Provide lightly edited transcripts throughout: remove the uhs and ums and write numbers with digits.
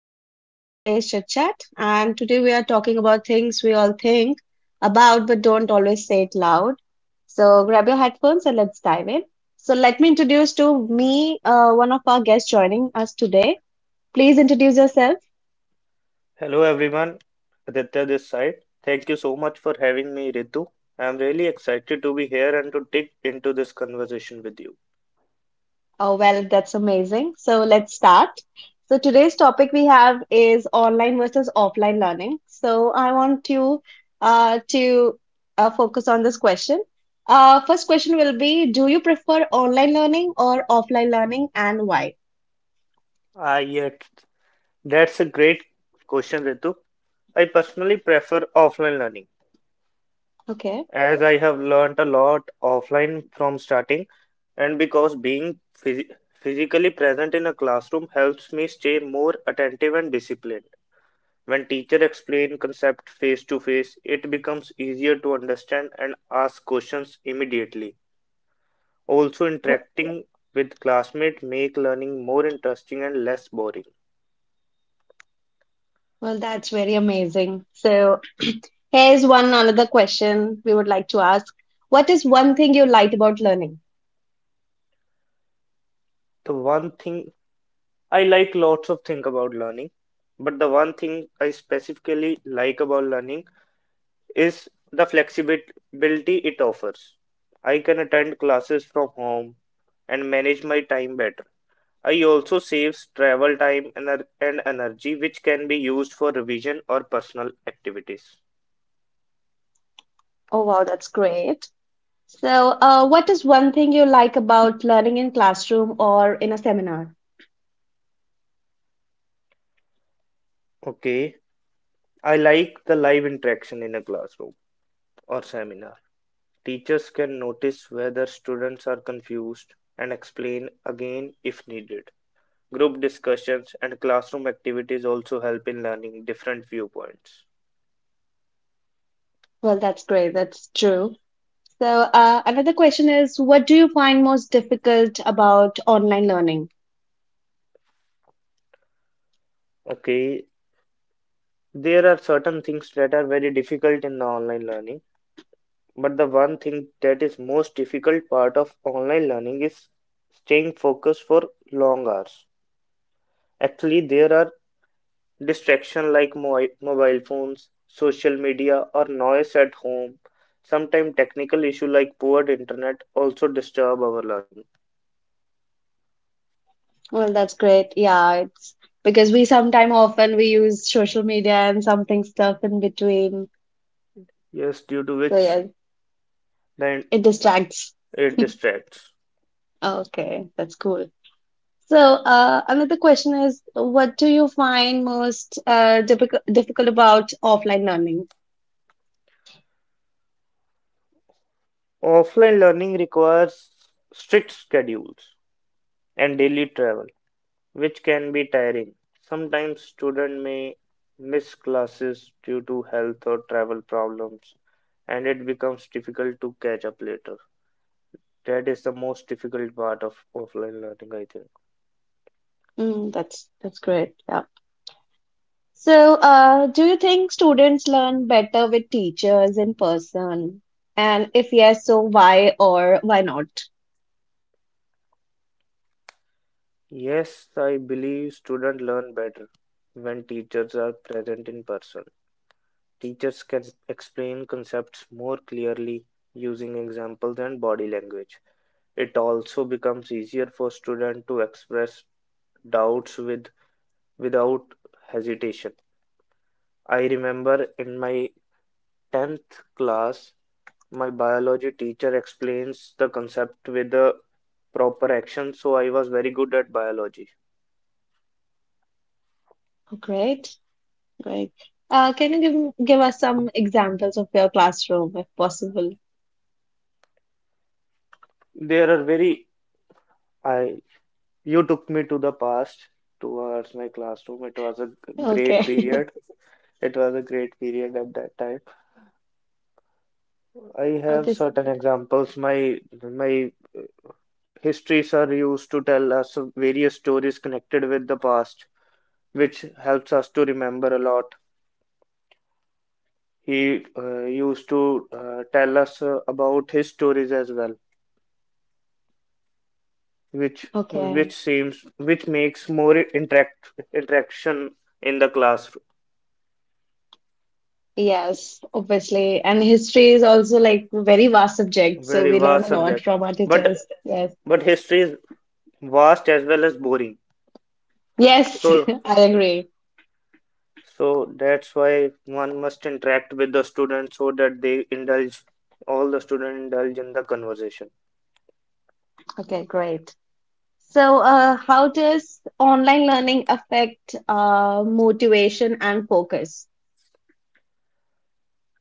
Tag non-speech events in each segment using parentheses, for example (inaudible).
your host for today's chit chat. And today we are talking about things we all think about but don't always say it loud. So grab your headphones and let's dive in. So let me introduce to me one of our guests joining us today. Please introduce yourself. Hello everyone, Aditya this side. Thank you so much for having me, Ritu. I'm really excited to be here and to dig into this conversation with you. Oh, well, that's amazing. So let's start. So today's topic we have is online versus offline learning. So I want you to focus on this question. First question will be, do you prefer online learning or offline learning and why? Ah, yes, that's a great question, Ritu. I personally prefer offline learning Okay. as I have learned a lot offline from starting, and because being physically present in a classroom helps me stay more attentive and disciplined. When teacher explain concept face to face, it becomes easier to understand and ask questions immediately. Also, Wh- interacting with classmates make learning more interesting and less boring. Well, that's very amazing. So here's one another question we would like to ask. What is one thing you liked about learning? The one thing I like lots of things about learning, but the one thing I specifically like about learning is the flexibility it offers. I can attend classes from home and manage my time better. I also saves travel time and energy, which can be used for revision or personal activities. Oh, wow, that's great. So, what is one thing you like about learning in classroom or in a seminar? Okay, I like the live interaction in a classroom or seminar. Teachers can notice whether students are confused and explain again if needed. Group discussions and classroom activities also help in learning different viewpoints. Well, that's great. That's true. So, another question is, what do you find most difficult about online learning? Okay, there are certain things that are very difficult in the online learning. But the one thing that is most difficult part of online learning is staying focused for long hours. Actually, there are distractions like mobile phones, social media, or noise at home. Sometimes technical issue like poor internet also disturb our learning. Well, that's great. Yeah, it's because we sometimes often we use social media and something stuff in between. Yes, due to So which yeah, then it distracts. it distracts. Okay, that's cool. So, another question is, what do you find most difficult about offline learning? Offline learning requires strict schedules and daily travel, which can be tiring. Sometimes students may miss classes due to health or travel problems, and it becomes difficult to catch up later. That is the most difficult part of offline learning, I think. That's great. Yeah. So, do you think students learn better with teachers in person? And if yes, so why or why not? Yes, I believe students learn better when teachers are present in person. Teachers can explain concepts more clearly using examples and body language. It also becomes easier for students to express doubts with without hesitation. I remember in my 10th class, my biology teacher explains the concept with the proper action, so I was very good at biology. Great, great. Can you give us some examples of your classroom if possible? There are very, I, you took me to the past towards my classroom. It was a g- great Okay. period. (laughs) It was a great period at that time. I have Okay. certain examples. My history sir used to tell us various stories connected with the past, which helps us to remember a lot. He used to tell us about his stories as well, which which Okay. seems which makes more interaction in the classroom. Yes, obviously. And history is also like a very vast subject, so Very we learn vast a lot subject, from our but teachers. Yes. History is vast as well as boring. Yes, So (laughs) I agree. That's why one must interact with the students so that they indulge, all the students indulge in the conversation. Okay, great. So, how does online learning affect motivation and focus?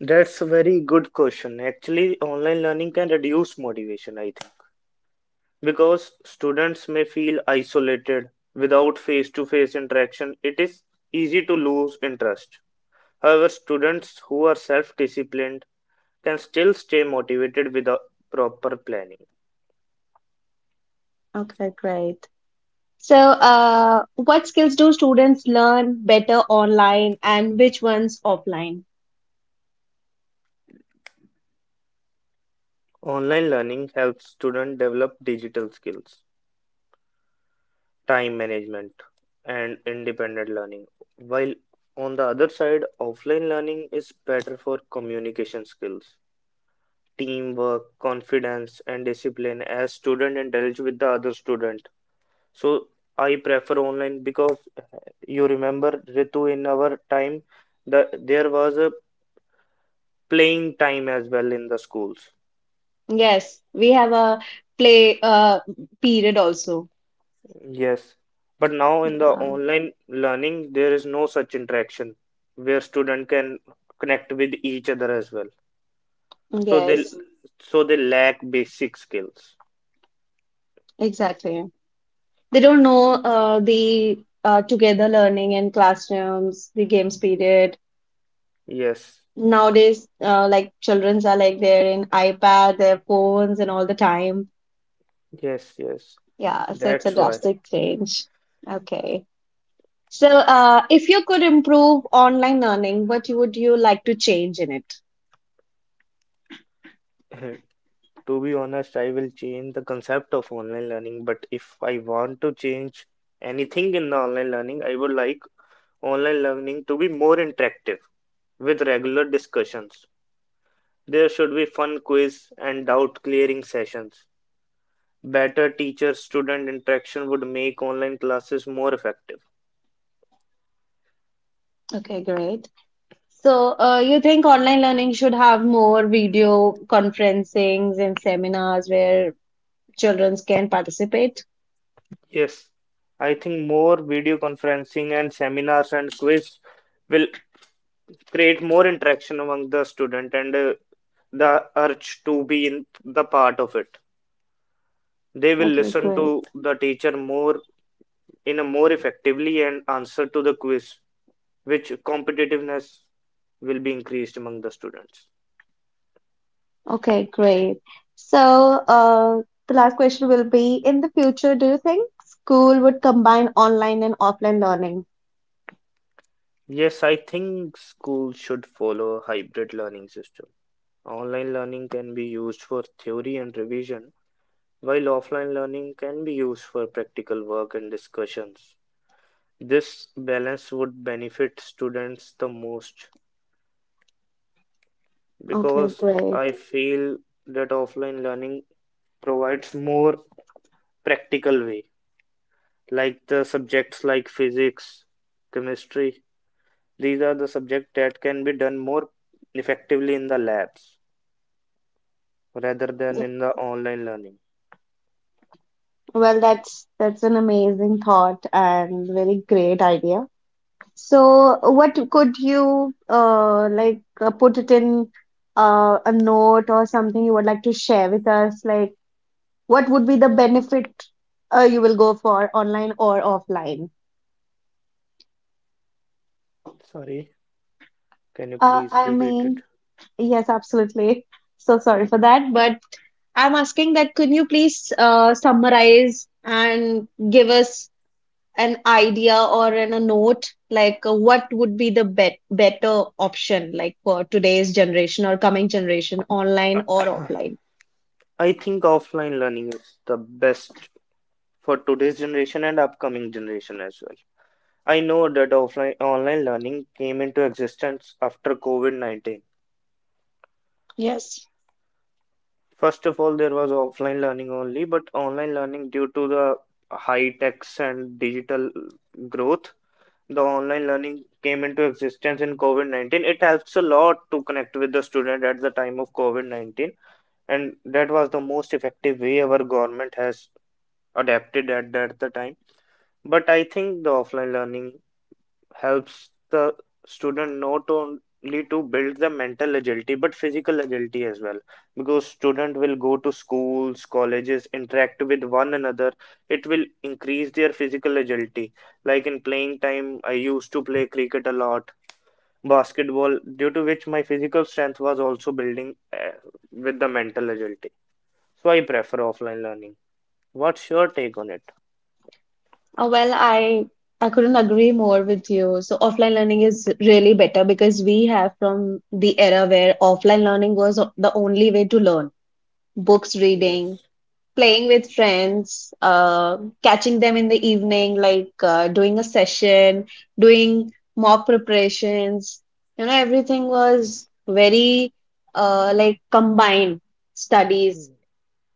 That's a very good question. Actually, online learning can reduce motivation, I think. Because students may feel isolated without face-to-face interaction, it is easy to lose interest. However, students who are self-disciplined can still stay motivated with proper planning. Okay, great. So, what skills do students learn better online and which ones offline? Online learning helps students develop digital skills, time management, and independent learning. While on the other side, offline learning is better for communication skills, teamwork, confidence, and discipline as students interact with the other student. So I prefer online because you remember Ritu in our time the there was a playing time as well in the schools. Yes, we have a play period also. Yes. But now in the Uh, online learning there is no such interaction where student can connect with each other as well. So they yes, so they lack basic skills. exactly. They don't know the together learning in classrooms, the games period. Yes. Nowadays, like childrens are like they're in iPad, their phones, and all the time. Yes, yes. Yeah, so it's a That's why. drastic change. Okay. So, if you could improve online learning, what would you like to change in it? (laughs) To be honest, I will change the concept of online learning, but if I want to change anything in the online learning, I would like online learning to be more interactive with regular discussions. There should be fun quiz and doubt clearing sessions. Better teacher-student interaction would make online classes more effective. Okay, great. So, you think online learning should have more video conferencings and seminars where children can participate. Yes, I think more video conferencing and seminars and quiz will create more interaction among the student and the urge to be in the part of it. They will Okay, listen great. to the teacher more in a more effectively and answer to the quiz, which competitiveness will be increased among the students. Okay, great. So, the last question will be, in the future, do you think school would combine online and offline learning? Yes, I think schools should follow a hybrid learning system. Online learning can be used for theory and revision, while offline learning can be used for practical work and discussions. This balance would benefit students the most Okay, because great. I feel that offline learning provides more practical way, like the subjects like physics, chemistry. These are the subjects that can be done more effectively in the labs rather than in the online learning. Well, that's an amazing thought and very great idea. So, what could you like put it in a note or something you would like to share with us? Like, what would be the benefit you will go for online or offline? Sorry, can you please I repeat it? mean, yes, absolutely. So sorry for that, but I'm asking that can you please summarize and give us an idea or in a note like what would be the better option like for today's generation or coming generation, online or offline? I think offline learning is the best for today's generation and upcoming generation as well. I know that offline online learning came into existence after COVID-19. Yes. First of all, there was offline learning only, but online learning due to the high techs and digital growth, the online learning came into existence in COVID-19. It helps a lot to connect with the student at the time of COVID-19, and that was the most effective way our government has adapted at that the time. But I think the offline learning helps the student not only to build the mental agility but physical agility as well, because student will go to schools colleges interact with one another, it will increase their physical agility, like in playing time I used to play cricket a lot, basketball, due to which my physical strength was also building with the mental agility. So I prefer offline learning. What's your take on it? Well, I couldn't agree more with you. So offline learning is really better because we have from the era where offline learning was the only way to learn. Books reading, Yes. playing with friends, catching them in the evening, like doing a session, doing mock preparations. You know, everything was very like combined studies, Hmm.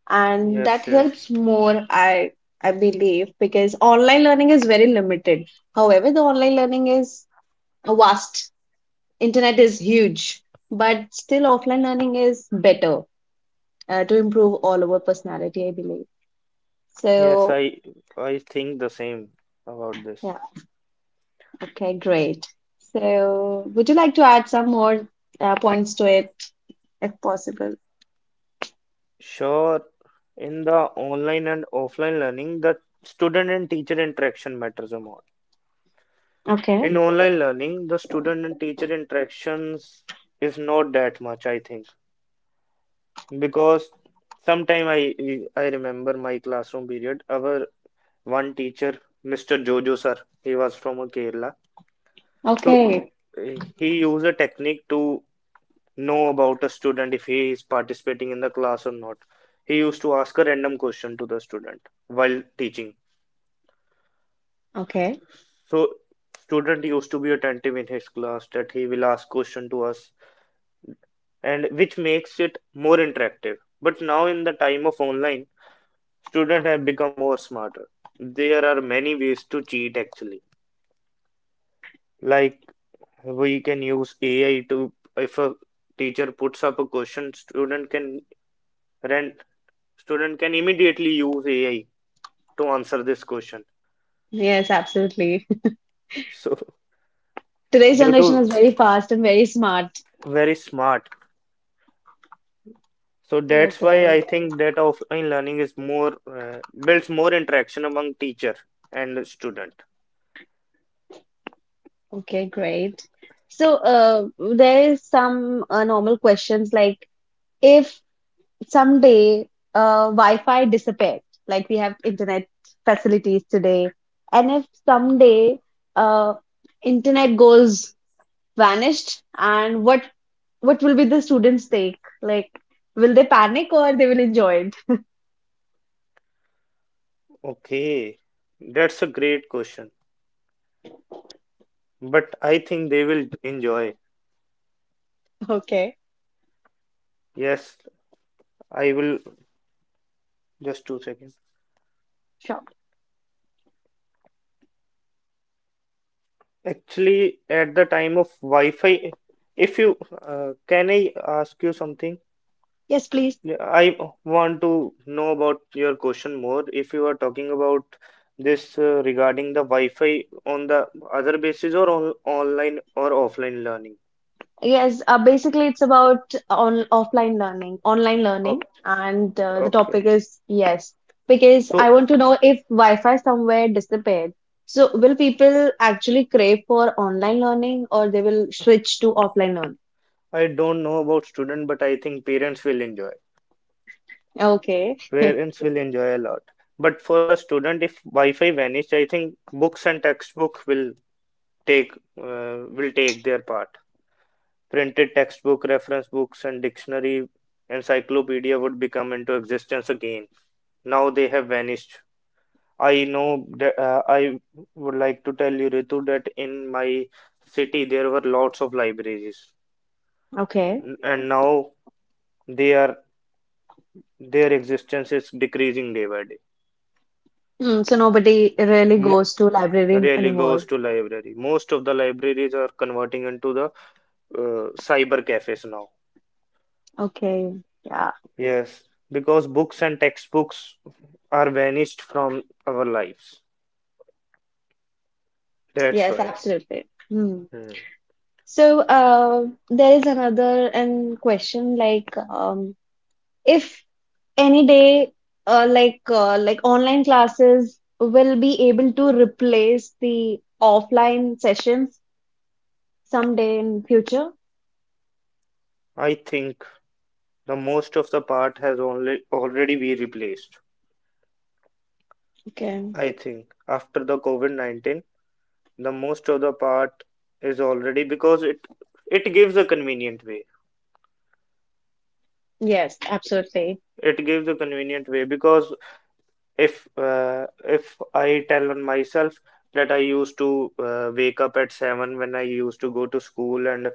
and that Yes, yes. helps more, I believe, because online learning is very limited. However, the online learning is vast, internet is huge, but still offline learning is better to improve all our personality, I believe. Yes, So I I think the same about yeah, this. okay, great. So would you like to add some more points to it if possible? Sure, in the online and offline learning, the student and teacher interaction matters a lot. Okay. In online learning, the student and teacher interactions is not that much, I think, because sometime I remember my classroom period, our one teacher, Mr. Jojo sir, he was from Kerala, so Okay. He used a technique to know about a student if he is participating in the class or not. He used to ask a random question to the student while teaching. Okay. So student used to be attentive in his class that he will ask question to us and which makes it more interactive. But now in the time of online, students have become more smarter. There are many ways to cheat actually. Like we can use AI to if a teacher puts up a question, rent student can immediately use AI to answer this question. Yes, absolutely. (laughs) So Today's due generation to is very fast and very smart. very smart. So that's why Okay. I think that offline learning is more uh, builds more interaction among teacher and student. Okay, great. So, there is some normal questions like if someday Wi-Fi disappeared, like we have internet facilities today, and if someday uh, internet goes vanished, and what will be the students take? Like, will they panic or they will enjoy it? (laughs) Okay, that's a great question. But I think they will enjoy. Okay, Yes, I will just 2 seconds. sure. Actually, at the time of Wi-Fi, if you can I ask you something? Yes, please. Yeah, I want to know about your question more. If you are talking about this regarding the Wi-Fi on the other basis or on online or offline learning. Yes, basically it's about on offline learning, online learning, Okay, and the okay. topic is yes, because I So want to know if Wi-Fi somewhere disappeared. So will people actually crave for online learning or they will switch to offline learning? I don't know about student, but I think parents will enjoy. Okay, Parents will enjoy a lot. But for the student, if Wi-Fi vanished, I think books and textbook take will take their part. Printed textbook, reference books, and dictionary encyclopedia would become into existence again. Now they have vanished. I know that I would like to tell you, Ritu, that in my city there were lots of libraries. okay. And now they are their existence is decreasing day by day. Mm, so nobody really Mo goes to library really goes anymore. to library. Most of the libraries are converting into the cyber cafes now. Okay, yeah, Yes, because books and textbooks are vanished from our lives. That's yes, why. absolutely. Hmm. Hmm. So there is another and question like if any day like online classes will be able to replace the offline sessions someday in future. I think the most of the part has only already been replaced. Okay. I think after the COVID-19, the most of the part is already because it gives a convenient way. Yes, absolutely. It gives a convenient way because if I tell on myself that I used to wake up at 7 when I used to go to school and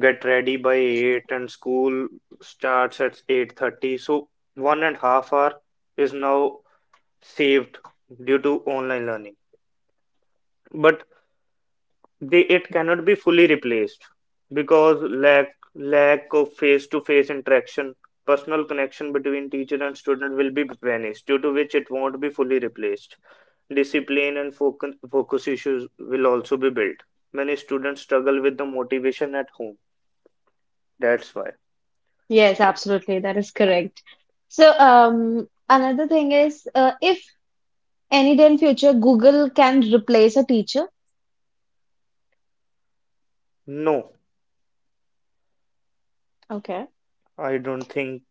get ready by 8 and school starts at 8:30, so 1.5 hour is now saved due to online learning, but they it cannot be fully replaced because lack of face to face interaction, personal connection between teacher and student will be vanished due to which it won't be fully replaced. Discipline and focus issues will also be built. Many students struggle with the motivation at home, that's why. Yes, absolutely, that is correct. So another thing is, if any day in future Google can replace a teacher. No, Okay. I don't think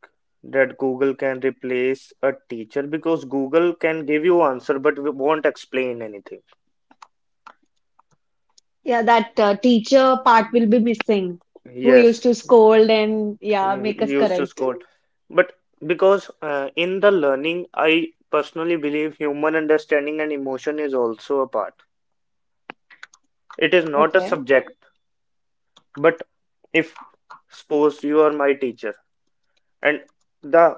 that Google can replace a teacher because Google can give you answer but won't explain anything. Yeah, that teacher part will be missing, who used Yes. to scold and yeah he make he us used to correct. scold. But because in the learning, I personally believe human understanding and emotion is also a part. It is not a Okay. subject, but if suppose you are my teacher and the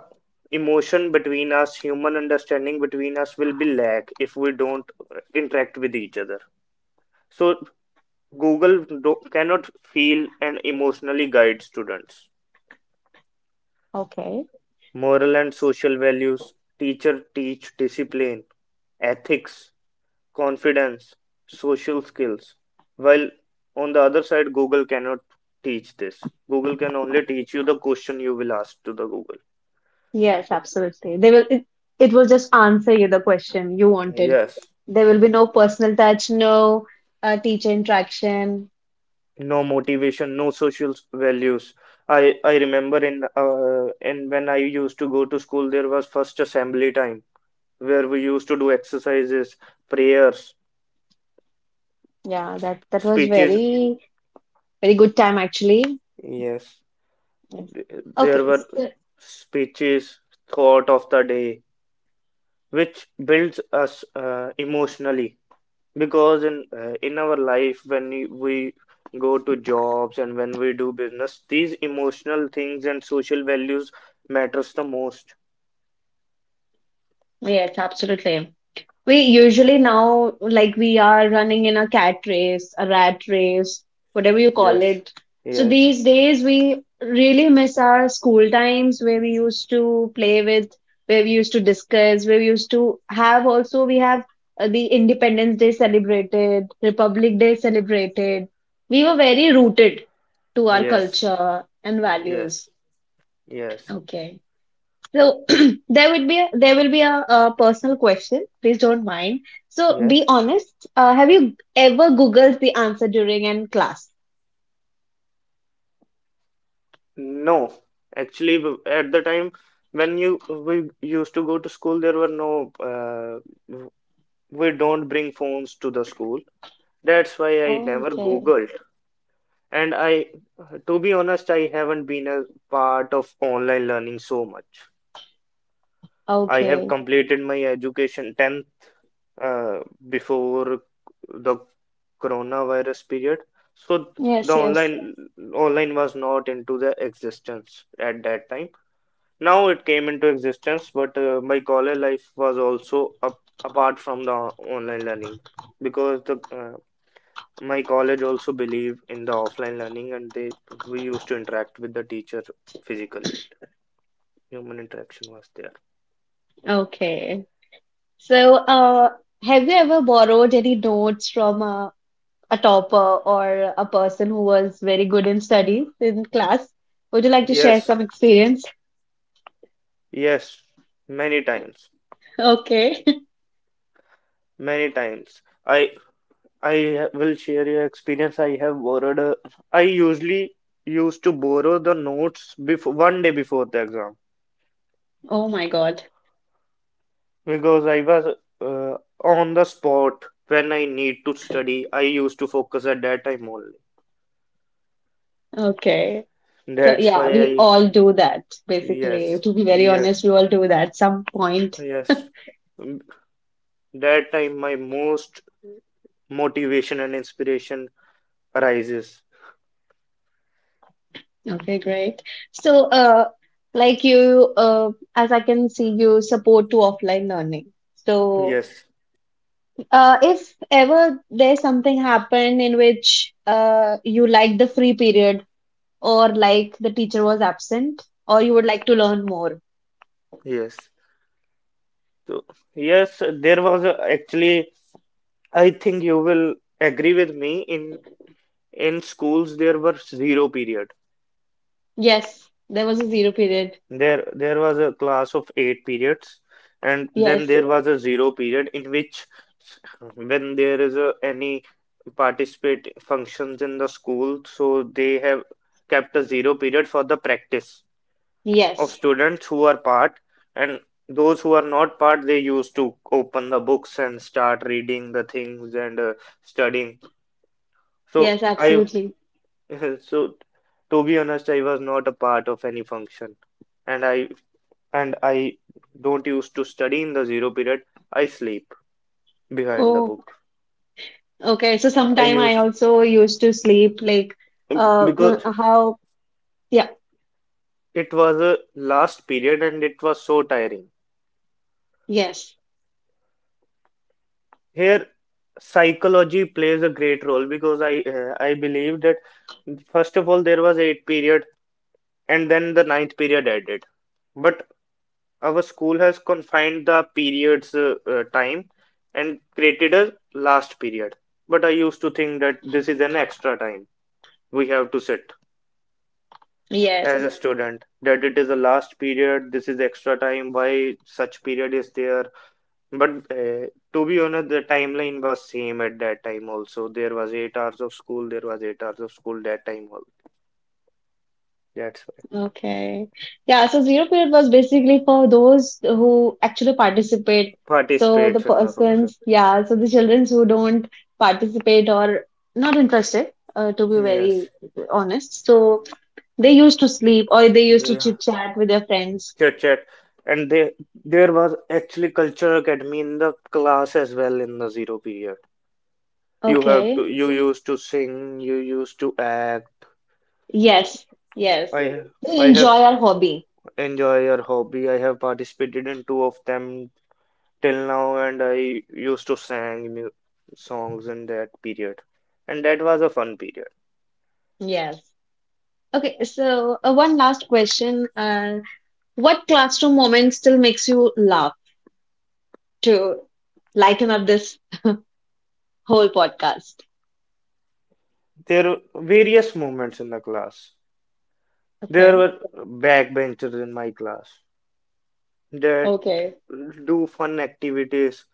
emotion between us, human understanding between us will be lack if we don't interact with each other. So cannot feel and emotionally guide students. Okay. Moral and social values. Teacher teach discipline, ethics, confidence, social skills. While on the other side, Google cannot teach this. Google can only teach you the question you will ask to the Google. Yes, absolutely. They will it, it will just answer you the question you wanted. Yes. There will be no personal touch, no teacher interaction. No motivation, no social values. I remember in when I used to go to school, there was first assembly time where we used to do exercises, prayers, Yeah, that that was speeches. very very good time actually. Yes. Yes. Okay. There were So, speeches thought of the day, which builds us emotionally because in our life when we go to jobs and when we do business, these emotional things and social values matters the most. yes, absolutely. We usually now, like, we are running in a cat race, a rat race, whatever you call Yes, it. So yes, these days, we really miss our school times where we used to play with, where we used to discuss, where we used to have also, we have the Independence Day celebrated, Republic Day celebrated. We were very rooted to our yes, culture and values. yes, yes, Okay. So (clears throat) there would be a, a personal question. Please don't mind. So be yes. honest. Have you ever Googled the answer during an class? No, actually, at the time when you we used to go to school, there were no uh, we don't bring phones to the school. That's why I never Okay. Googled. And I, to be honest, I haven't been a part of online learning so much. I have Okay. completed my education 10th uh, before the coronavirus period. So the Yes, yes. online online was not into the existence at that time. Now it came into existence, but my college life was also up, apart from the online learning because the my college also believe in the offline learning and they we used to interact with the teacher physically. Human interaction was there. Okay. So have you ever borrowed any notes from a topper or a person who was very good in studies in class? Would you like to share Yes, some experience? (laughs) yes, many times, Okay. (laughs) many times. I will share your experience. I have borrowed a, I usually used to borrow the notes before one day before the exam Oh my God. because I was uh, on the spot when I need to study. I used to focus at that time only. Okay. So That's yeah, why we I all do that basically. yes, To be very honest, yes. we all do that some point. Yes. (laughs) Mm, that time my most motivation and inspiration arises. Okay, great. So like you as I can see you support to offline learning. So Yes, if ever there's something happened in which you like the free period or like the teacher was absent or you would like to learn more. yes. So, yes, there was a, actually, I think you will agree with me. In schools, there were zero period. Yes, there was a zero period. There was a class of eight periods, and then Yes. there was a zero period in which when there is a, any participate functions in the school, so they have kept a zero period for the practice of Yes. students who are part and those who are not part they used to open the books and start reading the things and studying so Yes, I absolutely. (laughs) so to be honest I was not a part of any function and i and i don't used to study in the zero period I sleep behind the Oh, book okay, so I sometime I used also used to sleep like uh mm, because how yeah, it was a last period and it was so tiring yes. here psychology plays a great role because I believe that first of all there was eight period and then the ninth period added. But our school has confined the periods time and created a last period. But I used to think that this is an extra time we have to sit as Yes. a student that it is a last period. This is extra time. Why such period is there? But to be honest, the timeline was same at that time also. There was 8 hours of school, there was 8 hours of school that time all. That's why. Okay. Yeah, so zero period was basically for those who actually participate. So the Participate in the function. persons, yeah, so the children who don't participate or not interested, to be very Yes. honest. So they used to sleep or they used to Yeah. chit chat with their friends. Chit chat. And there was actually culture academy in the class as well in the zero period. You have to Okay. you used to sing, you used to act. Yes. Yes. I They I have enjoy our hobby. enjoy your hobby. I have participated in two of them till now and I used to sang mu songs in that period and that was a fun period. Yes. Okay, so one last question. What classroom moment still makes you laugh to lighten up this whole podcast? There were various moments in the class. There Okay. were backbenchers in my class that Okay. do fun activities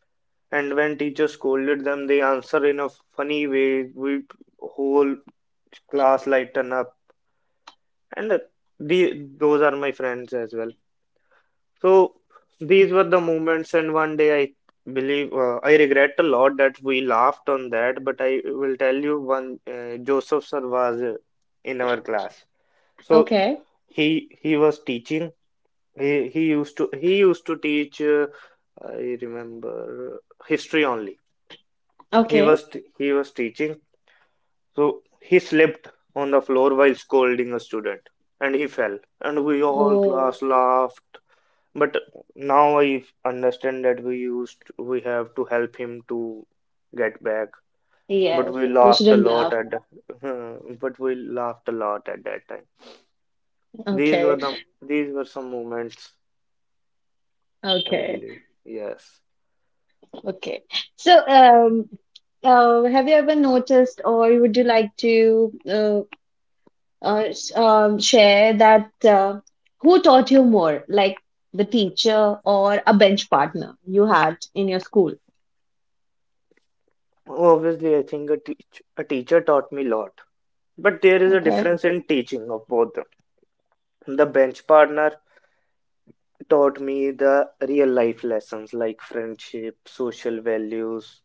and when teacher scolded them they answer in a funny way. We whole class lighten up and the, those are my friends as well. So these were the moments, and one day I believe I regret a lot that we laughed on that. But I will tell you one Joseph sir was in our class. So Okay. he was teaching. He used to he used to teach. I remember history only. He Okay. was he was teaching. So he slipped on the floor while scolding a student, and he fell. And we all Oh, class laughed but now I understand that we used we have to help him to get back. But yes, we we laughed a shouldn't lot laugh. at (laughs) but we laughed a lot at that time. These were Okay. the these were some moments, I Okay. believe. Yes. Okay. So, have you ever noticed, or would you like to share that who taught you more, like the teacher or a bench partner you had in your school? Obviously, I think a teacher taught me a lot. But there is a Okay. difference in teaching of both them. The bench partner taught me the real life lessons like friendship, social values,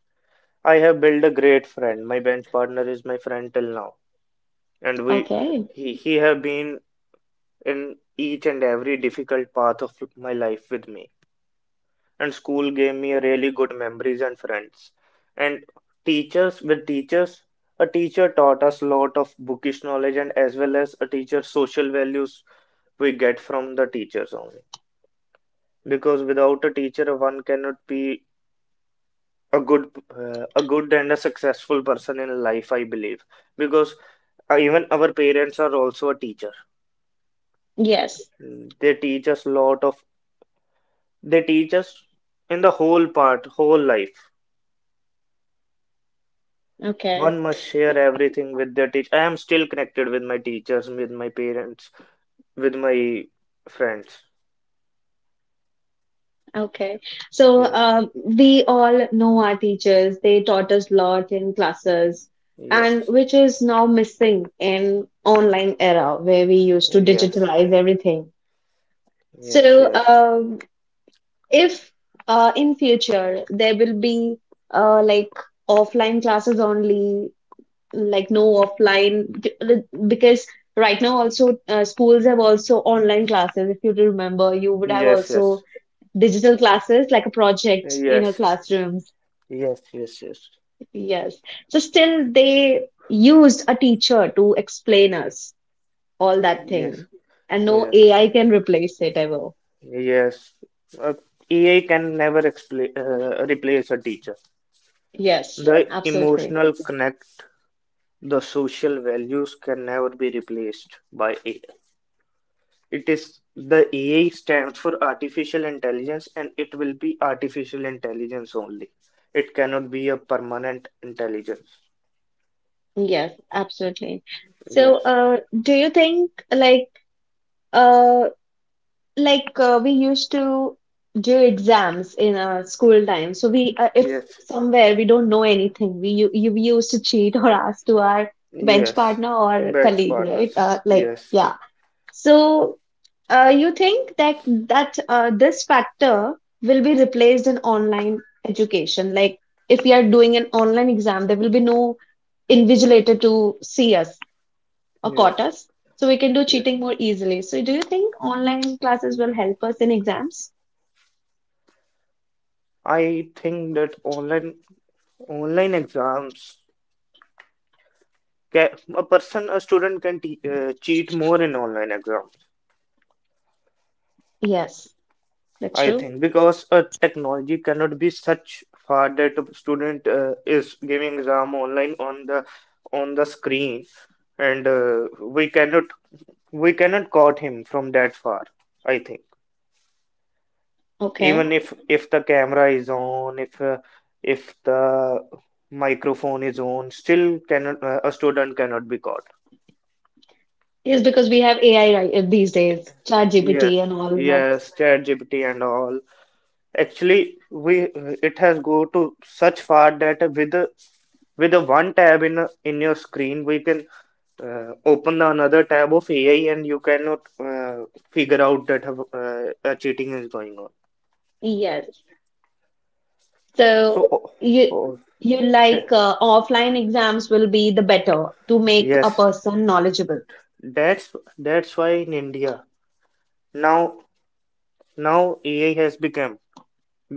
I have built a great friend. My bench partner is my friend till now, and we Okay. he have been in each and every difficult path of my life with me. And school gave me a really good memories and friends. And teachers with teachers, a teacher taught us lot of bookish knowledge and as well as a teacher social values we get from the teachers only. Because without a teacher, one cannot be a good a good and a successful person in life, I believe because even our parents are also a teacher. Yes. They teach us lot of, they teach us in the whole part, whole life. Okay. One must share everything with their teacher. I am still connected with my teachers, with my parents, with my friends. Okay. So Yes, we all know our teachers. They taught us a lot in classes, and yes, which is now missing in online era where we used to yes, digitalize everything. yes, So yes, if in future there will be like offline classes only, like no offline, because right now also schools have also online classes. If you remember, you would have yes, yes, yes, also digital classes like a project in your yes, classrooms. yes, Yes. So still they used a teacher to explain us all that yes, thing, and no yes, AI can replace it ever. yes, yes. Uh, AI can never expla replace a teacher. Yes, The absolutely. emotional connect The social values can never be replaced by AI. It is the AI stands for artificial intelligence and it will be artificial intelligence only. It cannot be a permanent intelligence. Yes, absolutely. So, Yes, do you think like uh we used to do exams in our school time? So we, if yes, somewhere we don't know anything, we you, you we used to cheat or ask to our bench yes. partner or Bench colleague, right? partners. Yes, So, you think that this factor will be replaced in online education? Like if we are doing an online exam, there will be no invigilator to see us or caught yes, us. So we can do yes. cheating more easily. So do you think online classes will help us in exams? I think that online online exams ca a person, a student can te cheat more in online exams Yes, that's I true. think because technology cannot be such far that a student is giving exam online on the screen, and we cannot caught him from that far. I think Okay. even if the camera is on, if the microphone is on, still cannot a student cannot be caught. Yes, because we have AI right these days, Yes, ChatGPT and all that. yes, ChatGPT and all. Actually, we it has go to such far that with a one tab in your screen we can open the another tab of AI and you cannot figure out that cheating is going on Yes. So so oh, you oh, like offline exams will be the better to make a yes person knowledgeable. That's why in India now now AI has become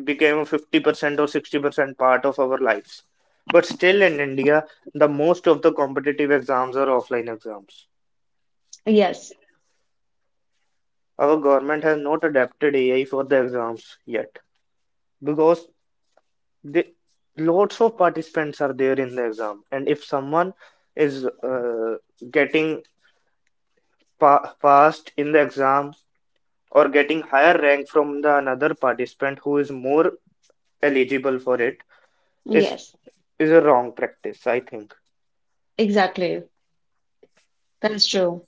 became 50% or 60% part of our lives but still in India the most of the competitive exams are offline exams Yes. our government has not adapted AI for the exams yet because they, lots of participants are there in the exam, and if someone is getting pa passed in the exam or getting higher rank from the another participant who is more eligible for it, is Yes. is a wrong practice, I think. Exactly. That's true.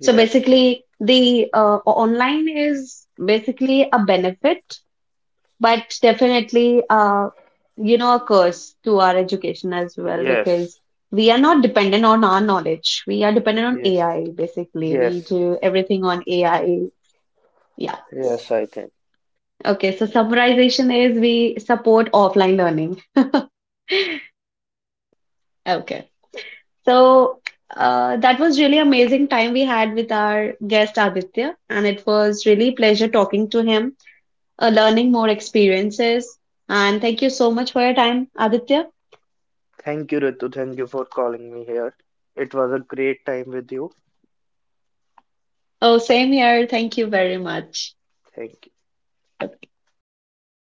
So Yes, basically, the online is basically a benefit, but definitely you know, a curse to our education as well, yes, because we are not dependent on our knowledge, we are dependent on yes, AI. Basically, we yes, do everything on AI. Yeah. yes, I think. Okay, so summarization is we support offline learning. (laughs) Okay. So that was really amazing time we had with our guest Aditya, and it was really pleasure talking to him, learning more experiences. And thank you so much for your time, Aditya. Thank you, Ritu. Thank you for calling me here. It was a great time with you. Oh, same here. Thank you very much. Thank you. Okay.